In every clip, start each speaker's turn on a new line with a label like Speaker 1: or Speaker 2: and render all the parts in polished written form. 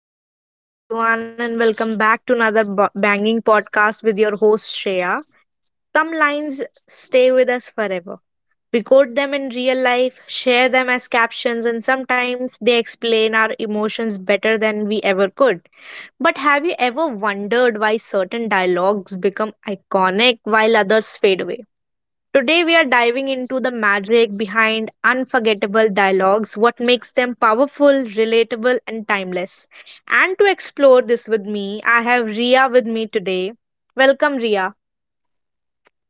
Speaker 1: hello, hello, everyone, and welcome back to another banging podcast with your host Shreya. Some lines stay with us forever. We quote them in real life, share them as captions, and sometimes they explain our emotions better than we ever could. But have you ever wondered why certain dialogues become iconic while others fade away? Today, we are diving into the magic behind unforgettable dialogues, what makes them powerful, relatable, and timeless. And to explore this with me, I have Ria with me today. Welcome, Ria.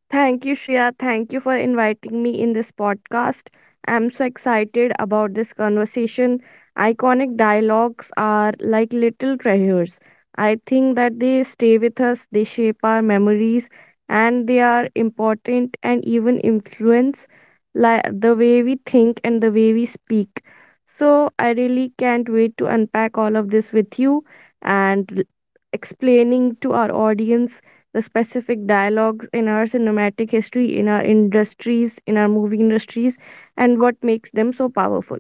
Speaker 2: Thank you, Shreya. Thank you for inviting me in this podcast. I'm so excited about this conversation. Iconic dialogues are like little treasures. I think that they stay with us, they shape our memories, and they are important and even influence like the way we think and the way we speak. So I really can't wait to unpack all of this with you and explaining to our audience the specific dialogues in our cinematic history, in our industries, in our movie industries, and what makes them so powerful.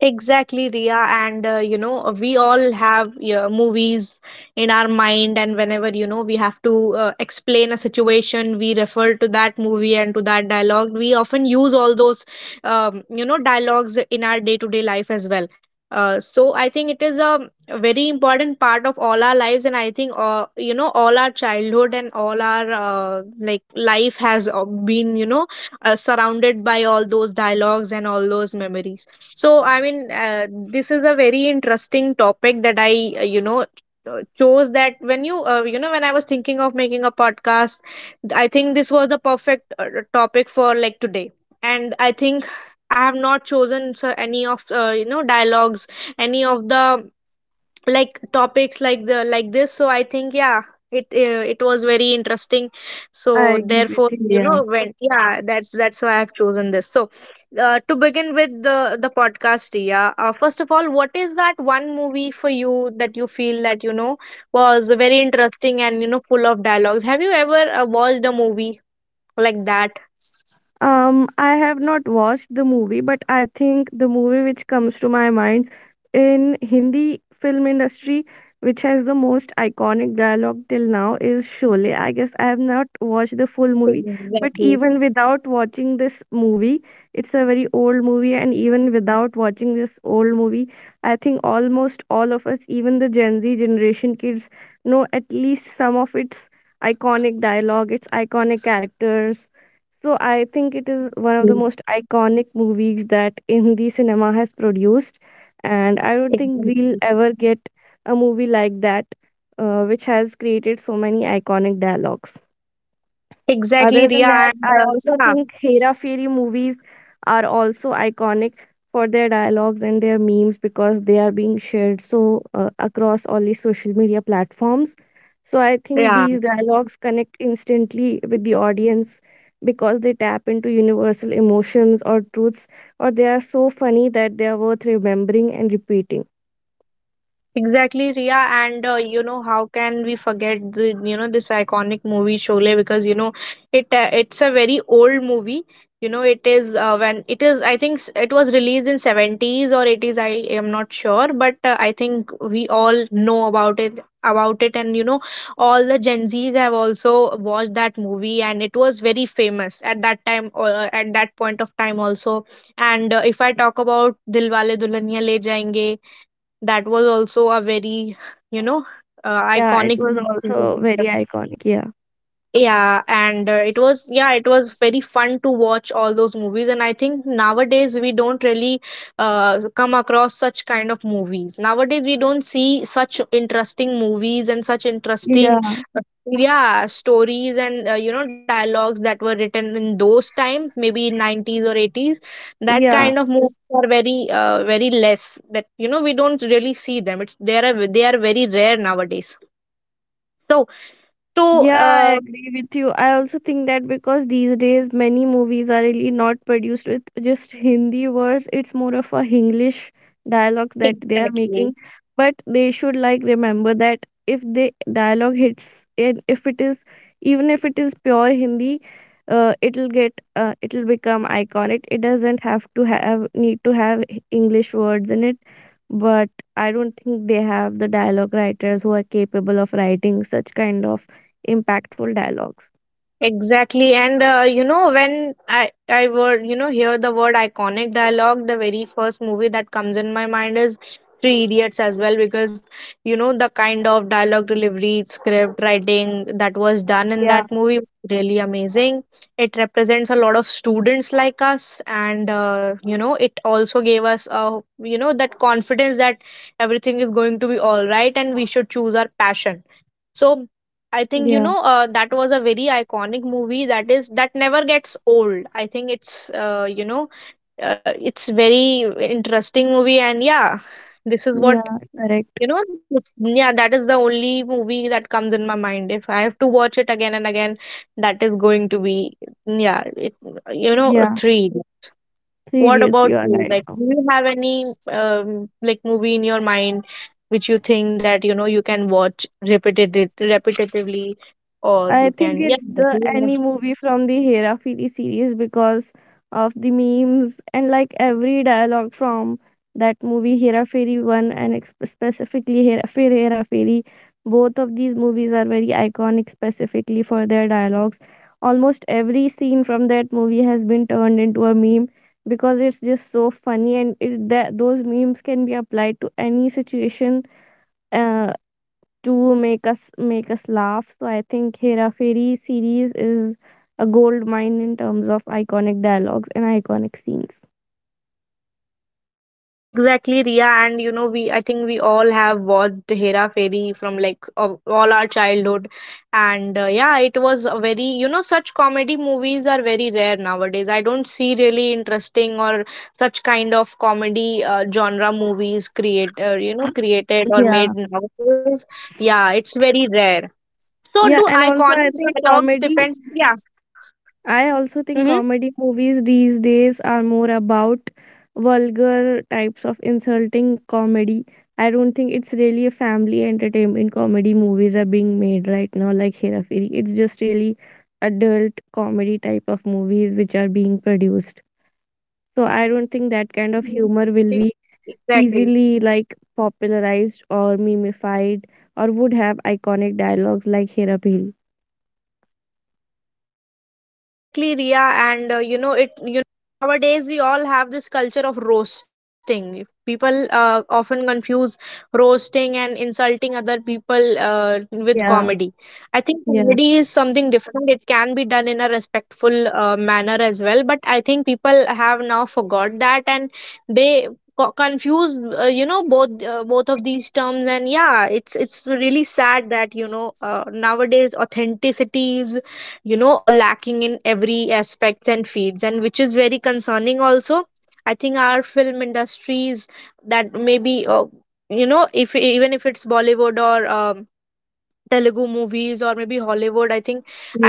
Speaker 1: Exactly, Ria. And we all have, yeah, movies in our mind, and whenever, we have to explain a situation, we refer to that movie and to that dialogue. We often use all those, dialogues in our day to day life as well. So I think it is a very important part of all our lives, and I think, all our childhood and all our like life has been, surrounded by all those dialogues and all those memories. I mean, this is a very interesting topic that I chose, that when I was thinking of making a podcast, I think this was the perfect topic for like today. And I think I have not chosen so any of dialogues, any of the like topics like the like this, so I think, yeah, it was very interesting.
Speaker 2: I
Speaker 1: So
Speaker 2: agree with
Speaker 1: therefore,
Speaker 2: you. Yeah.
Speaker 1: when, yeah, that's why I've chosen this. So to begin with the podcast, Ria, first of all, what is that one movie for you that you feel that, you know, was very interesting and, you know, full of dialogues? Have you ever watched a movie like that?
Speaker 2: I have not watched the movie, but I think the movie which comes to my mind in Hindi film industry, which has the most iconic dialogue till now, is Sholay. I guess I have not watched the full movie, but
Speaker 1: Exactly.
Speaker 2: even without watching this movie, it's a very old movie, and even without watching this old movie, I think almost all of us, even the Gen Z generation kids, know at least some of its iconic dialogue, its iconic characters, so I think it is one of the most iconic movies that Hindi cinema has produced, and I don't think we'll
Speaker 1: Exactly.
Speaker 2: ever get a movie like that, which has created so many iconic dialogues.
Speaker 1: Exactly,
Speaker 2: Other than
Speaker 1: Ria.
Speaker 2: that,
Speaker 1: And
Speaker 2: I also
Speaker 1: yeah.
Speaker 2: think Hera Fairy movies are also iconic for their dialogues and their memes because they are being shared so across all the social media platforms. So I think
Speaker 1: Yeah.
Speaker 2: these dialogues connect instantly with the audience because they tap into universal emotions or truths, or they are so funny that they are worth remembering and repeating.
Speaker 1: Exactly, Ria, and you know, how can we forget the, you know, this iconic movie Sholay, because, you know, it's a very old movie. You know, it is, when it is, I think, it was released in seventies or eighties. I am not sure, but I think we all know about it, and, you know, all the Gen Zs have also watched that movie, and it was very famous at that time, at that point of time also. And if I talk about Dilwale Dulhaniya Le Jayenge, that was also a very, you know,
Speaker 2: Yeah, it
Speaker 1: iconic.
Speaker 2: was also very iconic. Yeah.
Speaker 1: Yeah, and it was, yeah, it was very fun to watch all those movies, and I think nowadays we don't really come across such kind of movies. Nowadays we don't see such interesting movies and such interesting
Speaker 2: Yeah.
Speaker 1: uh, yeah stories and, dialogues that were written in those time, maybe in 90s or 80s. That
Speaker 2: Yeah.
Speaker 1: kind of movies are very very less, that, you know, we don't really see them. It's, they are very rare nowadays. So to
Speaker 2: Yeah, I
Speaker 1: uh,
Speaker 2: agree with you. I also think that because these days many movies are really not produced with just Hindi words, it's more of a English dialogue that they are making.
Speaker 1: exactly.
Speaker 2: But they should like remember that if the dialogue hits and if it is even if it is pure Hindi, it'll get it'll become iconic. It doesn't have to have need to have English words in it. But I don't think they have the dialogue writers who are capable of writing such kind of impactful dialogues.
Speaker 1: Exactly, and you know, when I would, you know, hear the word iconic dialogue, the very first movie that comes in my mind is Three Idiots as well, because, you know, the kind of dialogue delivery, script writing that was done in
Speaker 2: Yeah.
Speaker 1: that movie was really amazing. It represents a lot of students like us, and you know, it also gave us a, you know, that confidence that everything is going to be all right, and we should choose our passion. So I think,
Speaker 2: Yeah,
Speaker 1: that was a very iconic movie, that is that never gets old. I think it's it's very interesting movie, and, yeah, this is what,
Speaker 2: yeah, correct.
Speaker 1: you know, this, yeah, that is the only movie that comes in my mind. If I have to watch it again and again, that is going to be, yeah, it, you know, a
Speaker 2: Yeah,
Speaker 1: three.
Speaker 2: three
Speaker 1: What
Speaker 2: idiots,
Speaker 1: about
Speaker 2: you are
Speaker 1: you?
Speaker 2: right.
Speaker 1: Like, do you have any like movie in your mind which you think that, you know, you can watch repeated repetitively, or you
Speaker 2: I think
Speaker 1: can, yeah.
Speaker 2: it's the any movie from the Hera Fili series because of the memes and like every dialogue from that movie Hera Fairy 1 and specifically Hera Fairy Hera Fairy. Both of these movies are very iconic specifically for their dialogues. Almost every scene from that movie has been turned into a meme because it's just so funny and it, that those memes can be applied to any situation uh, to make us laugh. So I think Hera Fairy series is a gold mine in terms of iconic dialogues and iconic scenes.
Speaker 1: Exactly, Ria, and you know, we, I think we all have watched Hera Fairy from like of all our childhood, and yeah, it was a very, you know, such comedy movies are very rare nowadays. I don't see really interesting or such kind of comedy genre movies create created or
Speaker 2: Yeah.
Speaker 1: made nowadays. Yeah, it's very rare. So
Speaker 2: Yeah,
Speaker 1: do
Speaker 2: and also I
Speaker 1: iconic
Speaker 2: think
Speaker 1: dialogues
Speaker 2: comedy,
Speaker 1: depend? Yeah.
Speaker 2: I also
Speaker 1: Mm-hmm.
Speaker 2: think comedy movies these days are more about vulgar types of insulting comedy. I don't think it's really a family entertainment comedy movies are being made right now like Hera Fairy. It's just really adult comedy type of movies which are being produced. So I don't think that kind of
Speaker 1: Yeah,
Speaker 2: humor will be
Speaker 1: exactly.
Speaker 2: easily like popularized or memified or would have iconic dialogues like Hera Phiri.
Speaker 1: Exactly, Ria, and you know it. You nowadays we all have this culture of roasting people, often confuse roasting and insulting other people with
Speaker 2: Yeah,
Speaker 1: comedy. I think comedy
Speaker 2: yeah,
Speaker 1: is something different. It can be done in a respectful manner as well, but I think people have now forgot that, and they confuse, both both of these terms. And, yeah, it's really sad that, nowadays authenticity is, you know, are lacking in every aspects and fields, and which is very concerning also. I think our film industries, that maybe, if even if it's Bollywood or Telugu movies or maybe Hollywood. I think,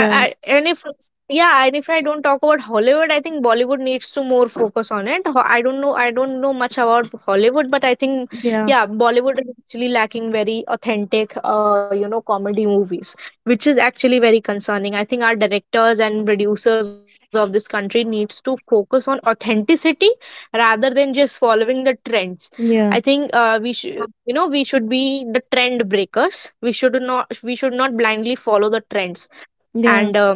Speaker 1: I, I and if, yeah, and if I don't talk about Hollywood, I think Bollywood needs to more focus on it. I don't know much about Hollywood, but I think,
Speaker 2: yeah,
Speaker 1: yeah, Bollywood is actually lacking very authentic, comedy movies, which is actually very concerning. I think our directors and producers of this country needs to focus on authenticity rather than just following the trends. I think
Speaker 2: yeah,
Speaker 1: we should, you know, we should be the trend breakers. We should not blindly follow the trends, and
Speaker 2: yeah.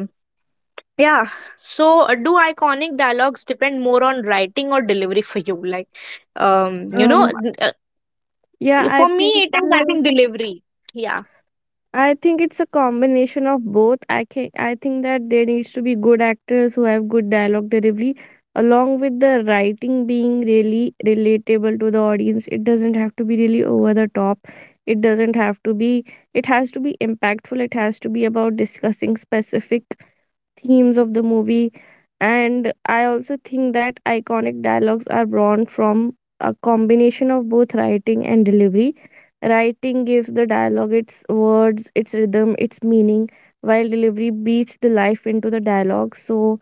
Speaker 1: yeah. So do iconic dialogues depend more on writing or delivery for you? Like um you know
Speaker 2: Um,
Speaker 1: n- uh,
Speaker 2: yeah, I
Speaker 1: for me,
Speaker 2: think.
Speaker 1: it is, I think, delivery. Yeah.
Speaker 2: I think it's a combination of both. I can, I think that there needs to be good actors who have good dialogue delivery, along with the writing being really relatable to the audience. It doesn't have to be really over the top. It doesn't have to be. It has to be impactful. It has to be about discussing specific themes of the movie. And I also think that iconic dialogues are born from a combination of both writing and delivery. Writing gives the dialogue its words, its rhythm, its meaning, while delivery beats the life into the dialogue so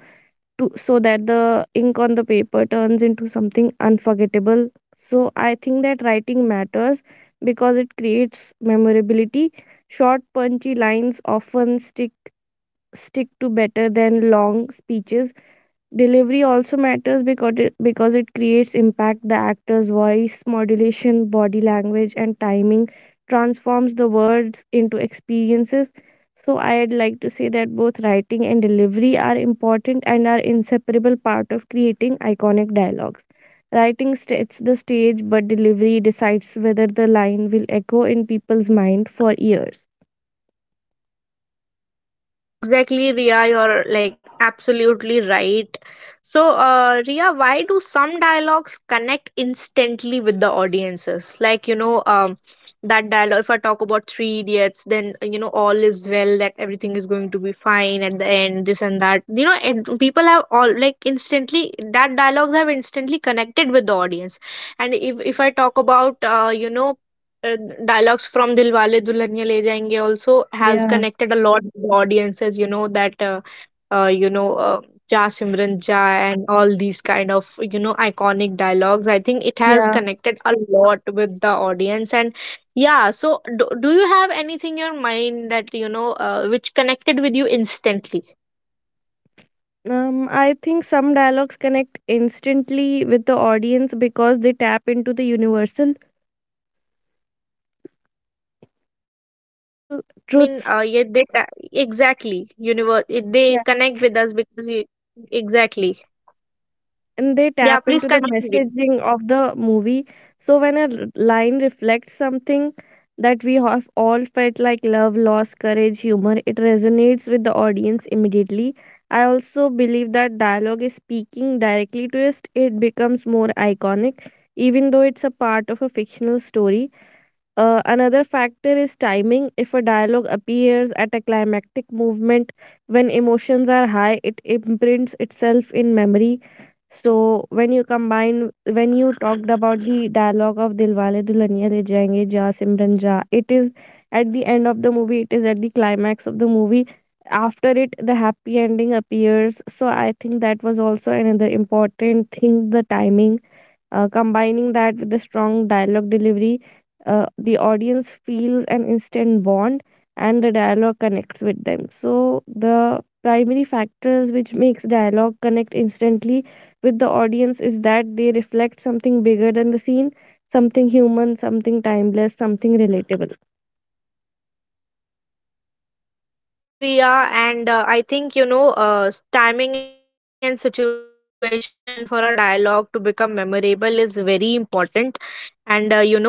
Speaker 2: to so that the ink on the paper turns into something unforgettable. So I think that writing matters because it creates memorability. Short, punchy lines often stick to better than long speeches. Delivery also matters because it creates impact. The actor's voice, modulation, body language, and timing transforms the words into experiences. So I'd like to say that both writing and delivery are important and are inseparable part of creating iconic dialogues. Writing sets the stage, but delivery decides whether the line will echo in people's mind for years.
Speaker 1: Exactly, Ria, you're like absolutely right. So, Ria, why do some dialogues connect instantly with the audiences? Like, that dialogue, if I talk about Three Idiots, then, all is well, that everything is going to be fine at the end, this and that. You know, and people have all like instantly, that dialogues have instantly connected with the audience. And if I talk about, uh, dialogues from Dilwale Dulhaniya Le Jayenge also has
Speaker 2: Yeah.
Speaker 1: connected a lot with the audiences. You know that, uh, you know, uh, Ja Simran Ja and all these kind of, you know, iconic dialogues. I think it has
Speaker 2: Yeah.
Speaker 1: connected a lot with the audience, and yeah. So do you have anything in your mind that, you know, which connected with you instantly?
Speaker 2: I think some dialogues connect instantly with the audience because they tap into the universal
Speaker 1: Yeah, I mean,
Speaker 2: truths
Speaker 1: yeah, they exactly, universe. They
Speaker 2: Yeah.
Speaker 1: connect with us because you, exactly.
Speaker 2: and they
Speaker 1: Yeah,
Speaker 2: tap
Speaker 1: please
Speaker 2: into the
Speaker 1: continue.
Speaker 2: messaging of the movie. So when a line reflects something that we have all felt like love, loss, courage, humor, it resonates with the audience immediately. I also believe that dialogue is speaking directly to us, it becomes more iconic, even though it's a part of a fictional story. Another factor is timing. If a dialogue appears at a climactic movement when emotions are high, it imprints itself in memory. So when you talked about the dialogue of Dilwale Dulhaniya Le Jayenge Ja Simran Ja, it is at the end of the movie. It is at the climax of the movie. After it, the happy ending appears. So I think that was also another important thing, the timing combining that with the strong dialogue delivery, the audience feels an instant bond and the dialogue connects with them. So, the primary factors which makes dialogue connect instantly with the audience is that they reflect something bigger than the scene, something human, something timeless, something relatable.
Speaker 1: Exactly, Ria. And I think, timing and situation for a dialogue to become memorable is very important. And, if it,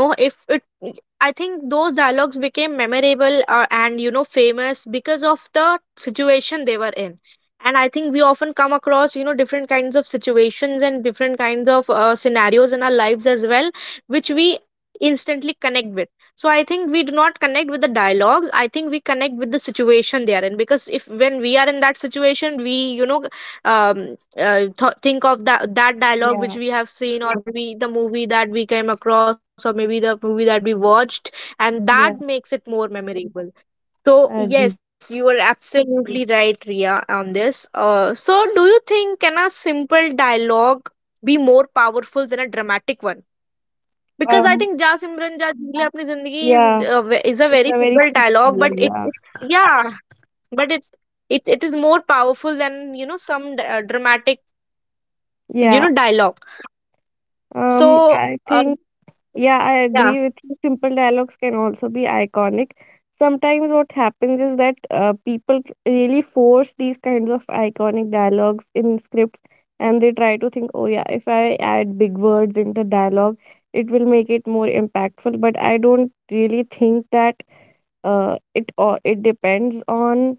Speaker 1: I think those dialogues became memorable and, you know, famous because of the situation they were in. And I think we often come across, you know, different kinds of situations and different kinds of scenarios in our lives as well, which we instantly connect with. So I think we do not connect with the dialogues. I think we connect with the situation they are in, because if, when we are in that situation, we, you know, think of that dialogue
Speaker 2: Yeah,
Speaker 1: which we have seen, or, mhm, maybe the movie that we came across, or maybe the movie that we watched, and that
Speaker 2: yeah,
Speaker 1: makes it more memorable. So
Speaker 2: I agree.
Speaker 1: yes, you are absolutely right, Ria, on this. So do you think, can a simple dialogue be more powerful than a dramatic one? Because I
Speaker 2: Um,
Speaker 1: think "जा Simran जा जी ले Zindagi" is
Speaker 2: yeah,
Speaker 1: is a
Speaker 2: it's
Speaker 1: very
Speaker 2: a very
Speaker 1: simple
Speaker 2: simple
Speaker 1: dialogue,
Speaker 2: dialogue.
Speaker 1: but it,
Speaker 2: Yeah,
Speaker 1: it's, yeah, but it, it is more powerful than, you know, some dramatic, you
Speaker 2: yeah,
Speaker 1: know, dialogue. So
Speaker 2: I
Speaker 1: uh,
Speaker 2: think. Yeah,
Speaker 1: yeah,
Speaker 2: I agree with you. Simple dialogues can also be iconic. Sometimes what happens is that people really force these kinds of iconic dialogues in scripts and they try to think, oh yeah, if I add big words into dialogue, it will make it more impactful. But I don't really think that it or it depends on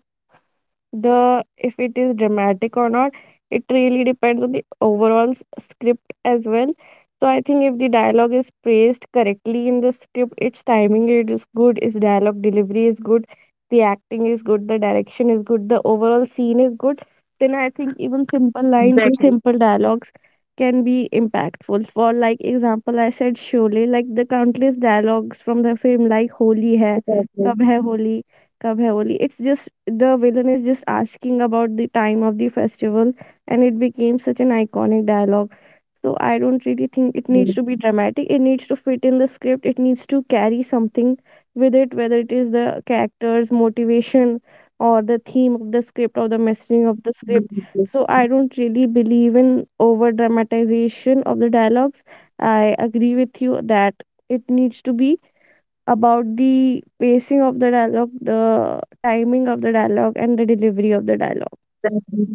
Speaker 2: the if it is dramatic or not, it really depends on the overall script as well. So I think if the dialogue is phrased correctly in the script, its timing it is good, its dialogue delivery is good, the acting is good, the direction is good, the overall scene is good, then I think even simple lines and
Speaker 1: exactly,
Speaker 2: simple dialogues can be impactful. For like example I said, surely like the countless dialogues from the film like Holi hai kab
Speaker 1: exactly.
Speaker 2: hai Holi Kabhayoli. It's just the villain is just asking about the time of the festival, and it became such an iconic dialogue. So I don't really think it needs to
Speaker 1: Mm.
Speaker 2: be dramatic. It needs to fit in the script. It needs to carry something with it, whether it is the characters' motivation or the theme of the script or the messaging of the
Speaker 1: Mm.
Speaker 2: script.
Speaker 1: Mm.
Speaker 2: So I
Speaker 1: Mm.
Speaker 2: don't really believe in over dramatization of the dialogues. I agree with you that it needs to be about the pacing of the dialogue, the timing of the dialogue, and the delivery of the dialogue.
Speaker 1: Exactly.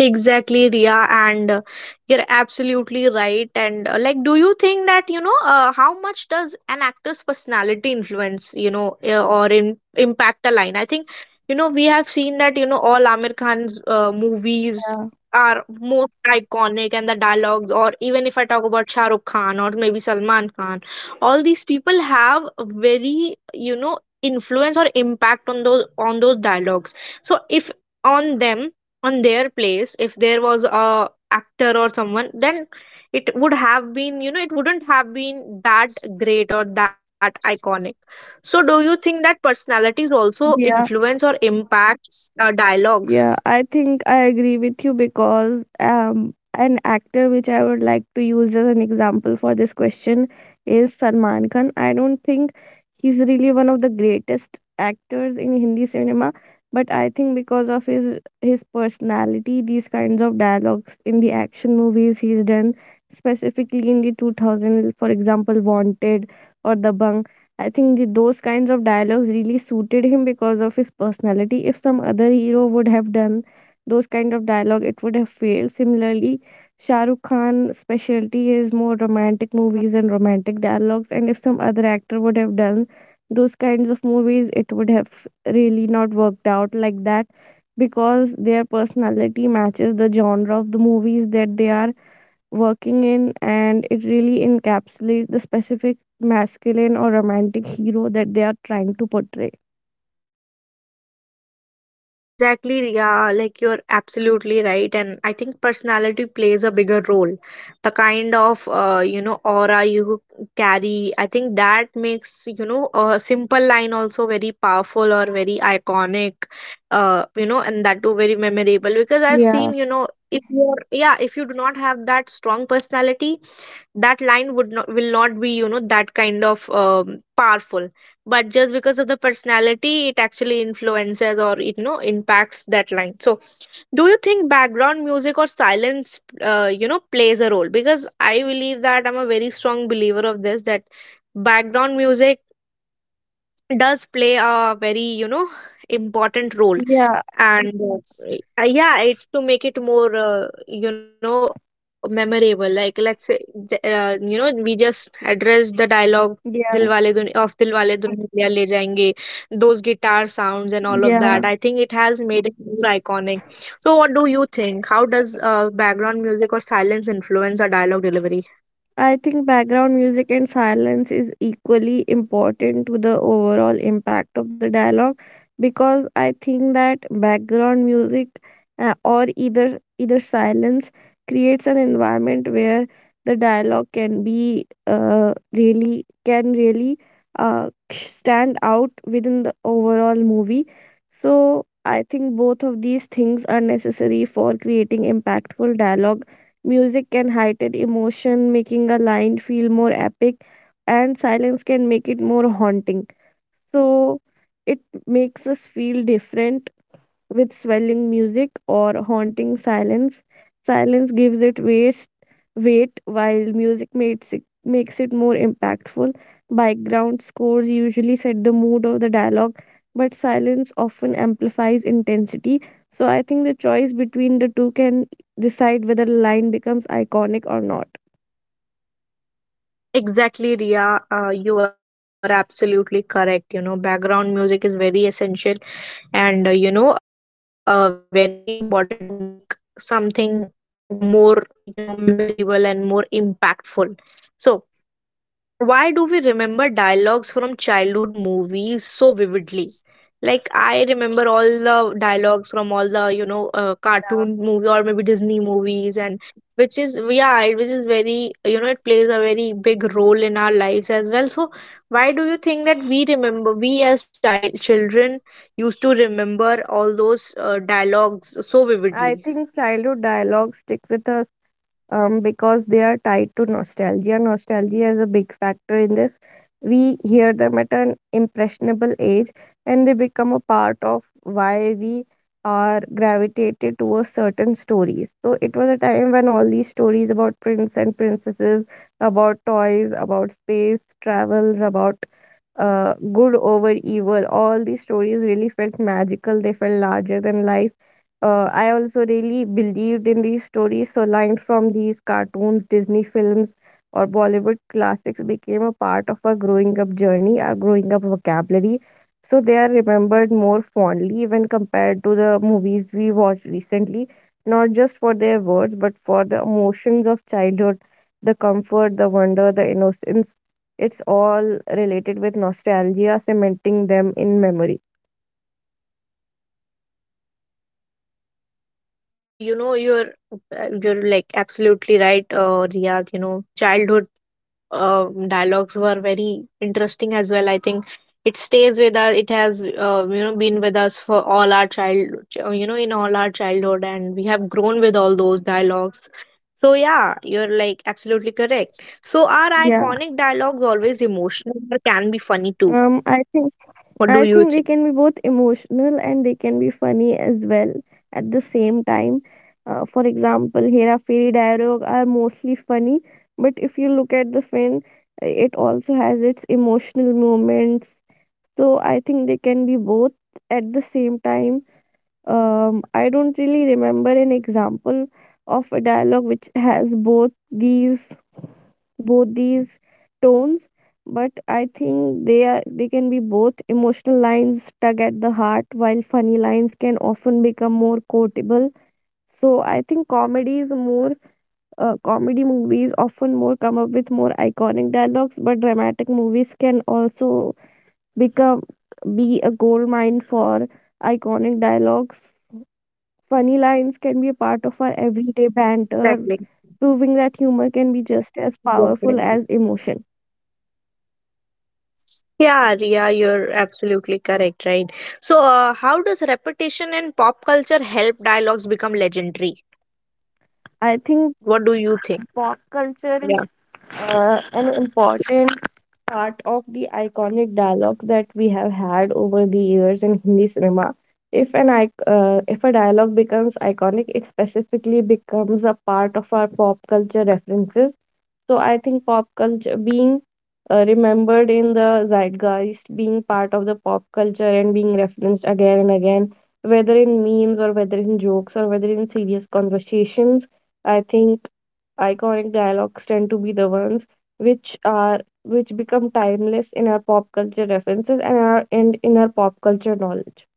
Speaker 1: Exactly, Ria, and you're absolutely right. And like, do you think that, how much does an actor's personality influence, or impact a line? I think, you know, we have seen that, you know, all Amir Khan's
Speaker 2: Yeah,
Speaker 1: movies are most iconic, and the dialogues, or even if I talk about Shah Rukh Khan or maybe Salman Khan, all these people have very, you know, influence or impact on those, on those dialogues. So if on them on their place if there was a actor or someone then it would have been it wouldn't have been that great or that iconic. So do you think that personalities also
Speaker 2: yeah.
Speaker 1: influence or impact dialogues?
Speaker 2: Yeah, I think I agree with you because an actor which I would like to use as an example for this question is Salman Khan. I don't think he's really one of the greatest actors in Hindi cinema, but I think because of his personality, these kinds of dialogues in the action movies he's done, specifically in the 2000, for example, Wanted or Dabang, I think the, those kinds of dialogues really suited him because of his personality. If some other hero would have done those kind of dialogue, it would have failed. Similarly, Shah Rukh Khan's specialty is more romantic movies and romantic dialogues, and if some other actor would have done those kinds of movies, it would have really not worked out like that because their personality matches the genre of the movies that they are working in, and it really encapsulates the specific masculine or romantic hero that they are trying to portray.
Speaker 1: Exactly, yeah, like you're absolutely right. And I think personality plays a bigger role. The kind of, you know, aura you carry, I think that makes, you know, a simple line also very powerful or very iconic, you know, and that too very memorable. Because I've
Speaker 2: Yeah,
Speaker 1: seen, you know, if you're, yeah, if you do not have that strong personality, that line would not, will not be, you know, that kind of powerful, but just because of the personality it actually influences or it, you know, impacts that line. So do you think background music or silence, you know, plays a role? Because I believe that, I'm a very strong believer of this, that background music does play a very, you know, important role.
Speaker 2: yeah,
Speaker 1: And yeah, it to make it more you know memorable, like let's say you know, we just address the dialogue of
Speaker 2: yeah,
Speaker 1: dilwale duniya le jayenge, those guitar sounds and all of that, I think it
Speaker 2: yeah.
Speaker 1: has made it more iconic. So what do you think? How does background music or silence influence a dialogue delivery?
Speaker 2: I think background music and silence is equally important to the overall impact of the dialogue because I think that background music or either silence creates an environment where the dialogue can be really can really stand out within the overall movie. So I think both of these things are necessary for creating impactful dialogue. Music can heighten emotion, making a line feel more epic, and silence can make it more haunting. So it makes us feel different with swelling music or haunting silence. Silence gives it weight, while music makes it more impactful. Background scores usually set the mood of the dialogue, but silence often amplifies intensity. So I think the choice between the two can decide whether a line becomes iconic or not.
Speaker 1: Exactly, Ria. You are absolutely correct. You know, background music is very essential and, you know, very important to make something more, you know, memorable and more impactful. So, why do we remember dialogues from childhood movies so vividly? Like I remember all the dialogues from all the you know cartoon movie or maybe Disney movies, and which is yeah which is very, you know, it plays a very big role in our lives as well. So why do you think that we as children used to remember all those dialogues so
Speaker 2: I
Speaker 1: vividly?
Speaker 2: think childhood dialogue stick with us because they are tied to nostalgia. Nostalgia is a big factor in this. We hear them at an impressionable age and they become a part of why we are gravitated towards certain stories. So it was a time when all these stories about prince and princesses, about toys, about space, travels, about good over evil. All these stories really felt magical. They felt larger than life. I also really believed in these stories. So lines from these cartoons, Disney films, or Bollywood classics became a part of our growing up journey, our growing up vocabulary. So they are remembered more fondly when compared to the movies we watched recently, not just for their words, but for the emotions of childhood, the comfort, the wonder, the innocence, it's all related with nostalgia, cementing them in memory.
Speaker 1: Yeah, and you know you're like absolutely right, Riyadh. You know, childhood dialogues were very interesting as well. I think it stays with us. It has you know been with us for all our child. You know, in all our childhood, and we have grown with all those dialogues. So yeah, you're like absolutely correct. So, our
Speaker 2: Yeah.
Speaker 1: iconic dialogues, always emotional or can be funny too?
Speaker 2: Um, I think
Speaker 1: What do
Speaker 2: I
Speaker 1: you
Speaker 2: think they
Speaker 1: think?
Speaker 2: can be both emotional and they can be funny as well at the same time. For example, Hera Fairy dialogue are mostly funny, but if you look at the film, it also has its emotional moments. So I think they can be both at the same time. I don't really remember an example of a dialogue which has both these tones, but I think they are, they can be both. Emotional lines tug at the heart while funny lines can often become more quotable, so I think comedy is more, comedy movies often more come up with more iconic dialogues, but dramatic movies can also become, be a gold mine for iconic dialogues. Funny lines can be a part of our everyday banter,
Speaker 1: Exactly.
Speaker 2: proving that humor can be just as
Speaker 1: Exactly.
Speaker 2: powerful as emotion.
Speaker 1: Yeah, Ria, you're absolutely correct, right? So, how does repetition in pop culture help dialogues become legendary?
Speaker 2: I think
Speaker 1: What do you think?
Speaker 2: pop culture is
Speaker 1: Yeah.
Speaker 2: an important part of the iconic dialogue that we have had over the years in Hindi cinema. If an ic- if a dialogue becomes iconic, it specifically becomes a part of our pop culture references. So I think pop culture being remembered in the zeitgeist, being part of the pop culture and being referenced again and again, whether in memes or whether in jokes or whether in serious conversations, I think iconic dialogues tend to be the ones which become timeless in our pop culture references and our and in our pop culture knowledge.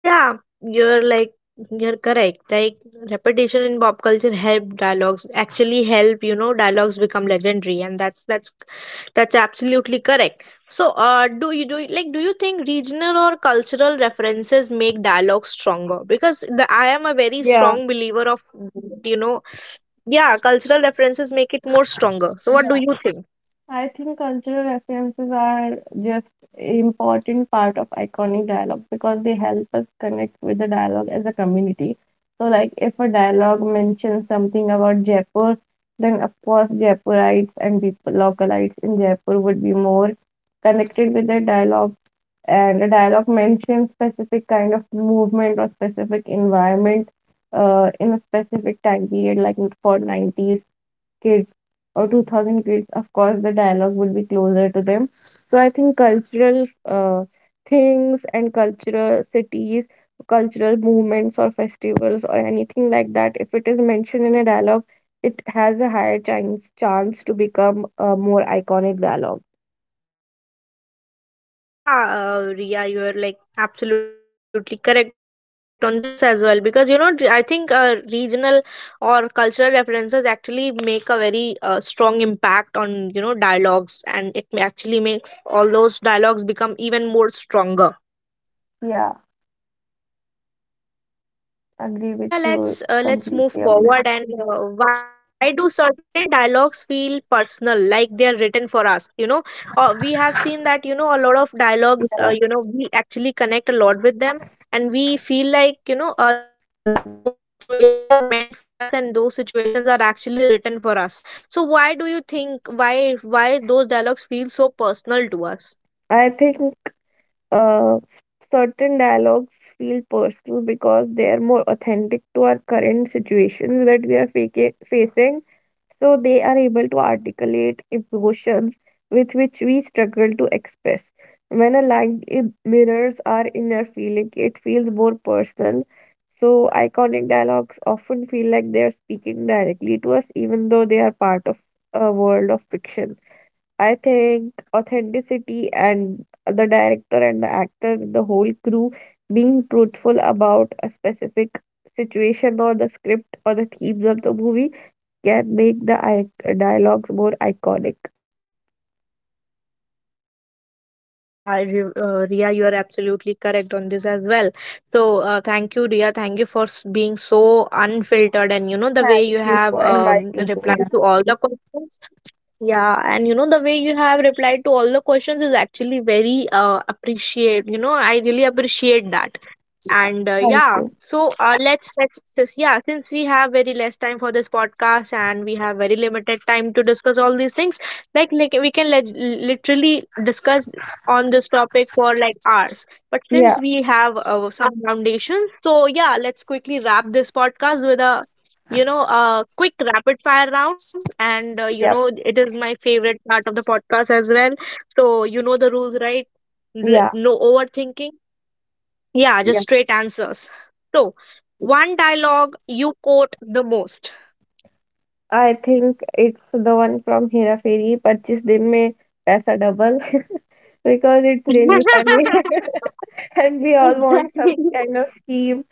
Speaker 1: Yeah, you're like you're correct. Like repetition in pop culture help dialogues actually help, you know, dialogues become legendary, and that's that's absolutely correct. So uh, do you like do you think regional or cultural references make dialogue stronger? Because the I am a very
Speaker 2: Yeah.
Speaker 1: strong believer of you know, yeah, cultural references make it more stronger. So what do you think?
Speaker 2: I think cultural references are just important part of iconic dialogue because they help us connect with the dialogue as a community. So like if a dialogue mentions something about Jaipur, then of course Jaipurites and people localites in Jaipur would be more connected with the dialogue, and the dialogue mentions specific kind of movement or specific environment in a specific time period, like for 90s kids or 2000 kids, of course, the dialogue will be closer to them. So I think cultural things and cultural cities, cultural movements or festivals or anything like that, if it is mentioned in a dialogue, it has a higher chance to become a more iconic dialogue.
Speaker 1: Yeah, Ria, you are like absolutely correct on this as well, because you know I think regional or cultural references actually make a very strong impact on you know dialogues, and actually makes all those dialogues become even more stronger.
Speaker 2: Yeah,
Speaker 1: So yeah,
Speaker 2: agree with
Speaker 1: Ria,
Speaker 2: you
Speaker 1: let's move
Speaker 2: completely on that.
Speaker 1: forward. And why do certain dialogues feel personal, like they are written for us? You know, we have seen that you know a lot of dialogues.
Speaker 2: Yeah,
Speaker 1: You know, we actually connect a lot with them, and we feel like you know that those situations are meant for us, and those situations are actually written for us. So why do you think why those dialogues feel so personal to us?
Speaker 2: I think uh, certain dialogues feel personal because they are more authentic to our current situations that we are facing. So they are able to articulate emotions with which we struggle to express. When a mirrors our inner feeling, it feels more personal. So iconic dialogues often feel like they are speaking directly to us, even though they are part of a world of fiction. I think authenticity and the director and the actor, the whole crew being truthful about a specific situation or the script or the themes of the movie can make the dialogues more iconic.
Speaker 1: Yeah, Ria, you are absolutely correct on this as well. So, thank you, Ria. Thank you for being so unfiltered, and you know, the way
Speaker 2: Thank
Speaker 1: you
Speaker 2: you
Speaker 1: have
Speaker 2: for inviting me.
Speaker 1: replied
Speaker 2: Yeah,
Speaker 1: to all the questions. Yeah, and you know the way you have replied to all the questions is actually very appreciate. You know, I really appreciate that. And
Speaker 2: thank
Speaker 1: yeah,
Speaker 2: you.
Speaker 1: so yeah, since we have very less time for this podcast, and we have very limited time to discuss all these things, like we can literally discuss on this topic for like hours, but
Speaker 2: Yeah,
Speaker 1: since we have some foundations, so yeah, let's quickly wrap this podcast with a you know a quick rapid fire round. And you know,
Speaker 2: yeah,
Speaker 1: it is my favorite part of the podcast as well. So you know the rules, right?
Speaker 2: yeah,
Speaker 1: No overthinking, yeah,
Speaker 2: yeah.
Speaker 1: just straight answers. So, one dialogue you quote the most.
Speaker 2: I think it's the one from Hera Fairy, Purchase Din Mein Paisa Double, because it's really funny and we all want some
Speaker 1: Exactly.
Speaker 2: kind of scheme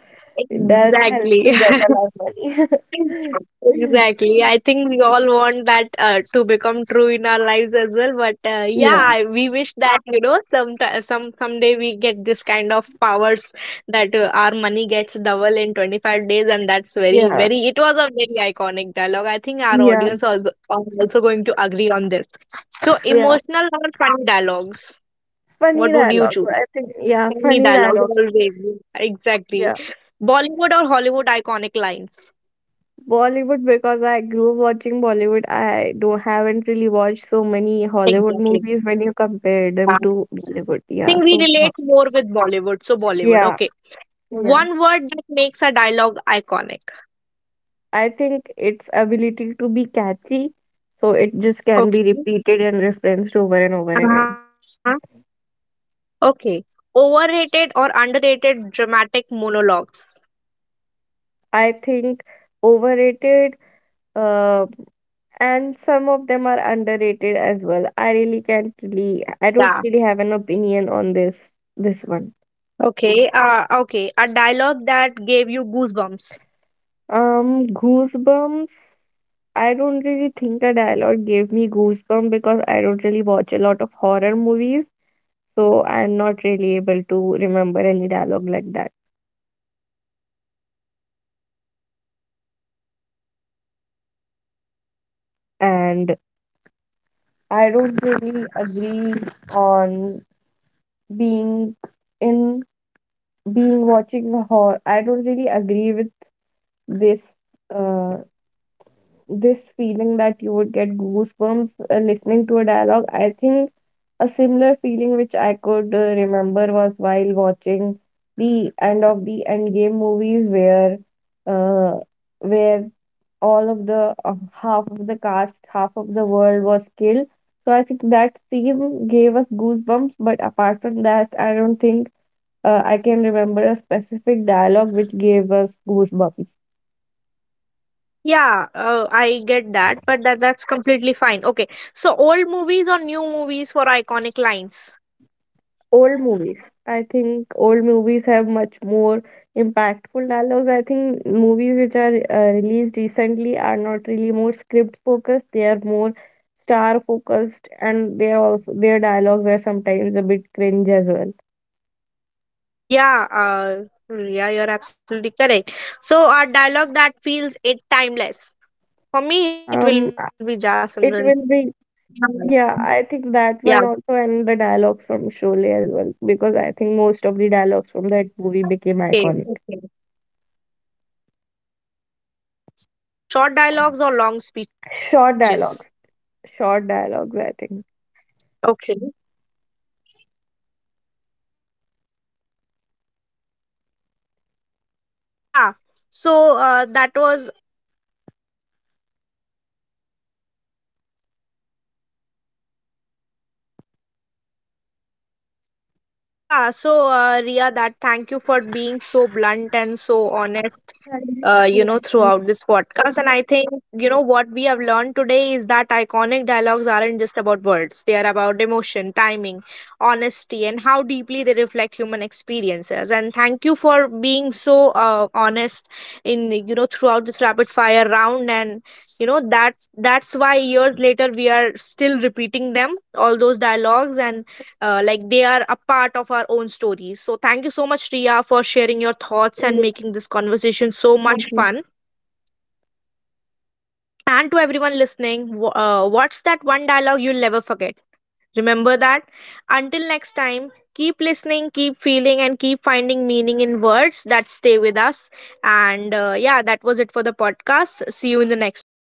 Speaker 2: that helps us
Speaker 1: Exactly.
Speaker 2: double as well.
Speaker 1: Exactly. I think we all want that to become true in our lives as well. But yeah,
Speaker 2: Yeah,
Speaker 1: we wish that you know some someday we get this kind of powers, that our money gets double in 25 days, and that's very
Speaker 2: yeah,
Speaker 1: very. It was a very iconic dialogue. I think our
Speaker 2: yeah,
Speaker 1: audience also are also going to agree on this. So,
Speaker 2: yeah.
Speaker 1: emotional or funny dialogues?
Speaker 2: Funny
Speaker 1: What would you
Speaker 2: dialogue.
Speaker 1: choose?
Speaker 2: I think, yeah,
Speaker 1: Funny
Speaker 2: funny
Speaker 1: dialogues
Speaker 2: dialogues.
Speaker 1: always. Exactly.
Speaker 2: Yeah.
Speaker 1: Bollywood or Hollywood iconic lines?
Speaker 2: Bollywood, because I grew up watching Bollywood, I don't haven't really watched so many Hollywood
Speaker 1: Exactly.
Speaker 2: movies when you compare
Speaker 1: I
Speaker 2: them to Bollywood. Yeah.
Speaker 1: think we
Speaker 2: So,
Speaker 1: relate more with Bollywood. So Bollywood,
Speaker 2: yeah,
Speaker 1: okay.
Speaker 2: yeah.
Speaker 1: One word that makes a dialogue iconic.
Speaker 2: I think its ability to be catchy, so it just can be
Speaker 1: Okay.
Speaker 2: repeated and referenced over and over
Speaker 1: Uh-huh.
Speaker 2: again.
Speaker 1: Okay. Overrated or underrated dramatic monologues.
Speaker 2: I think overrated. Uh, and some of them are underrated as well. I really can't really, I
Speaker 1: Yeah.
Speaker 2: don't really have an opinion on this one.
Speaker 1: Okay. Uh, okay. A dialogue that gave you goosebumps.
Speaker 2: Goosebumps. I don't really think a dialogue gave me goosebumps because I don't really watch a lot of horror movies, so I'm not really able to remember any dialogue like that.
Speaker 1: Okay. Uh, so a dialogue that gave you, okay.
Speaker 2: And
Speaker 1: Old movies, new
Speaker 2: I
Speaker 1: movies for
Speaker 2: don't
Speaker 1: iconic
Speaker 2: really
Speaker 1: line.
Speaker 2: agree on being in, being watching a horror. I don't really agree with this uh this feeling
Speaker 1: Yeah.
Speaker 2: that you would get goosebumps listening to a dialogue. I think a similar feeling which I could remember was while watching the end of the Endgame movies, where uh, where all of the half of the cast, half of the world was killed. So I think that scene gave us goosebumps. But apart from that, I don't think I can remember a specific dialogue which gave us goosebumps.
Speaker 1: Yeah, I get that, but that that's completely fine. Okay, so old movies or new movies for iconic lines?
Speaker 2: Old movies. I think old movies have much more impactful dialogues. I think movies which are released recently are not really more script focused. They are more star focused, and they are also their dialogues are sometimes a bit cringe as well.
Speaker 1: Yeah, yeah, you're absolutely correct. So, a dialogue that feels it timeless. For me, it will be
Speaker 2: Um,
Speaker 1: Ja Simran.
Speaker 2: it
Speaker 1: Chaudhara.
Speaker 2: will be,
Speaker 1: Yeah.
Speaker 2: yeah. I think that one also, and the dialogues from Sholay as well, because I think most of the dialogues from
Speaker 1: Okay.
Speaker 2: that movie
Speaker 1: Okay.
Speaker 2: became iconic.
Speaker 1: Yeah. So, short dialogues or long speeches.
Speaker 2: Short dialogues, short dialogues. I
Speaker 1: Okay. Yeah. So that was yeah. So Ria, that thank you for being so blunt and so honest, you know, throughout this podcast. And I think, you know, what we have learned today is that iconic dialogues aren't just about words, they are about emotion, timing, honesty, and how deeply they reflect human experiences. And thank you for being so honest in, you know, throughout this rapid fire round. And, you know, that that's why years later we are still repeating them all those dialogues, and like they are a part of our own stories. So thank you so much, Ria, for sharing your thoughts and making this conversation so much
Speaker 2: think.
Speaker 1: fun. And to everyone listening, what's that one dialogue you'll never forget? Remember that. Until next time, keep listening, keep feeling, and keep finding meaning in words that stay with us. And yeah, that was it for the podcast. See you in the next one.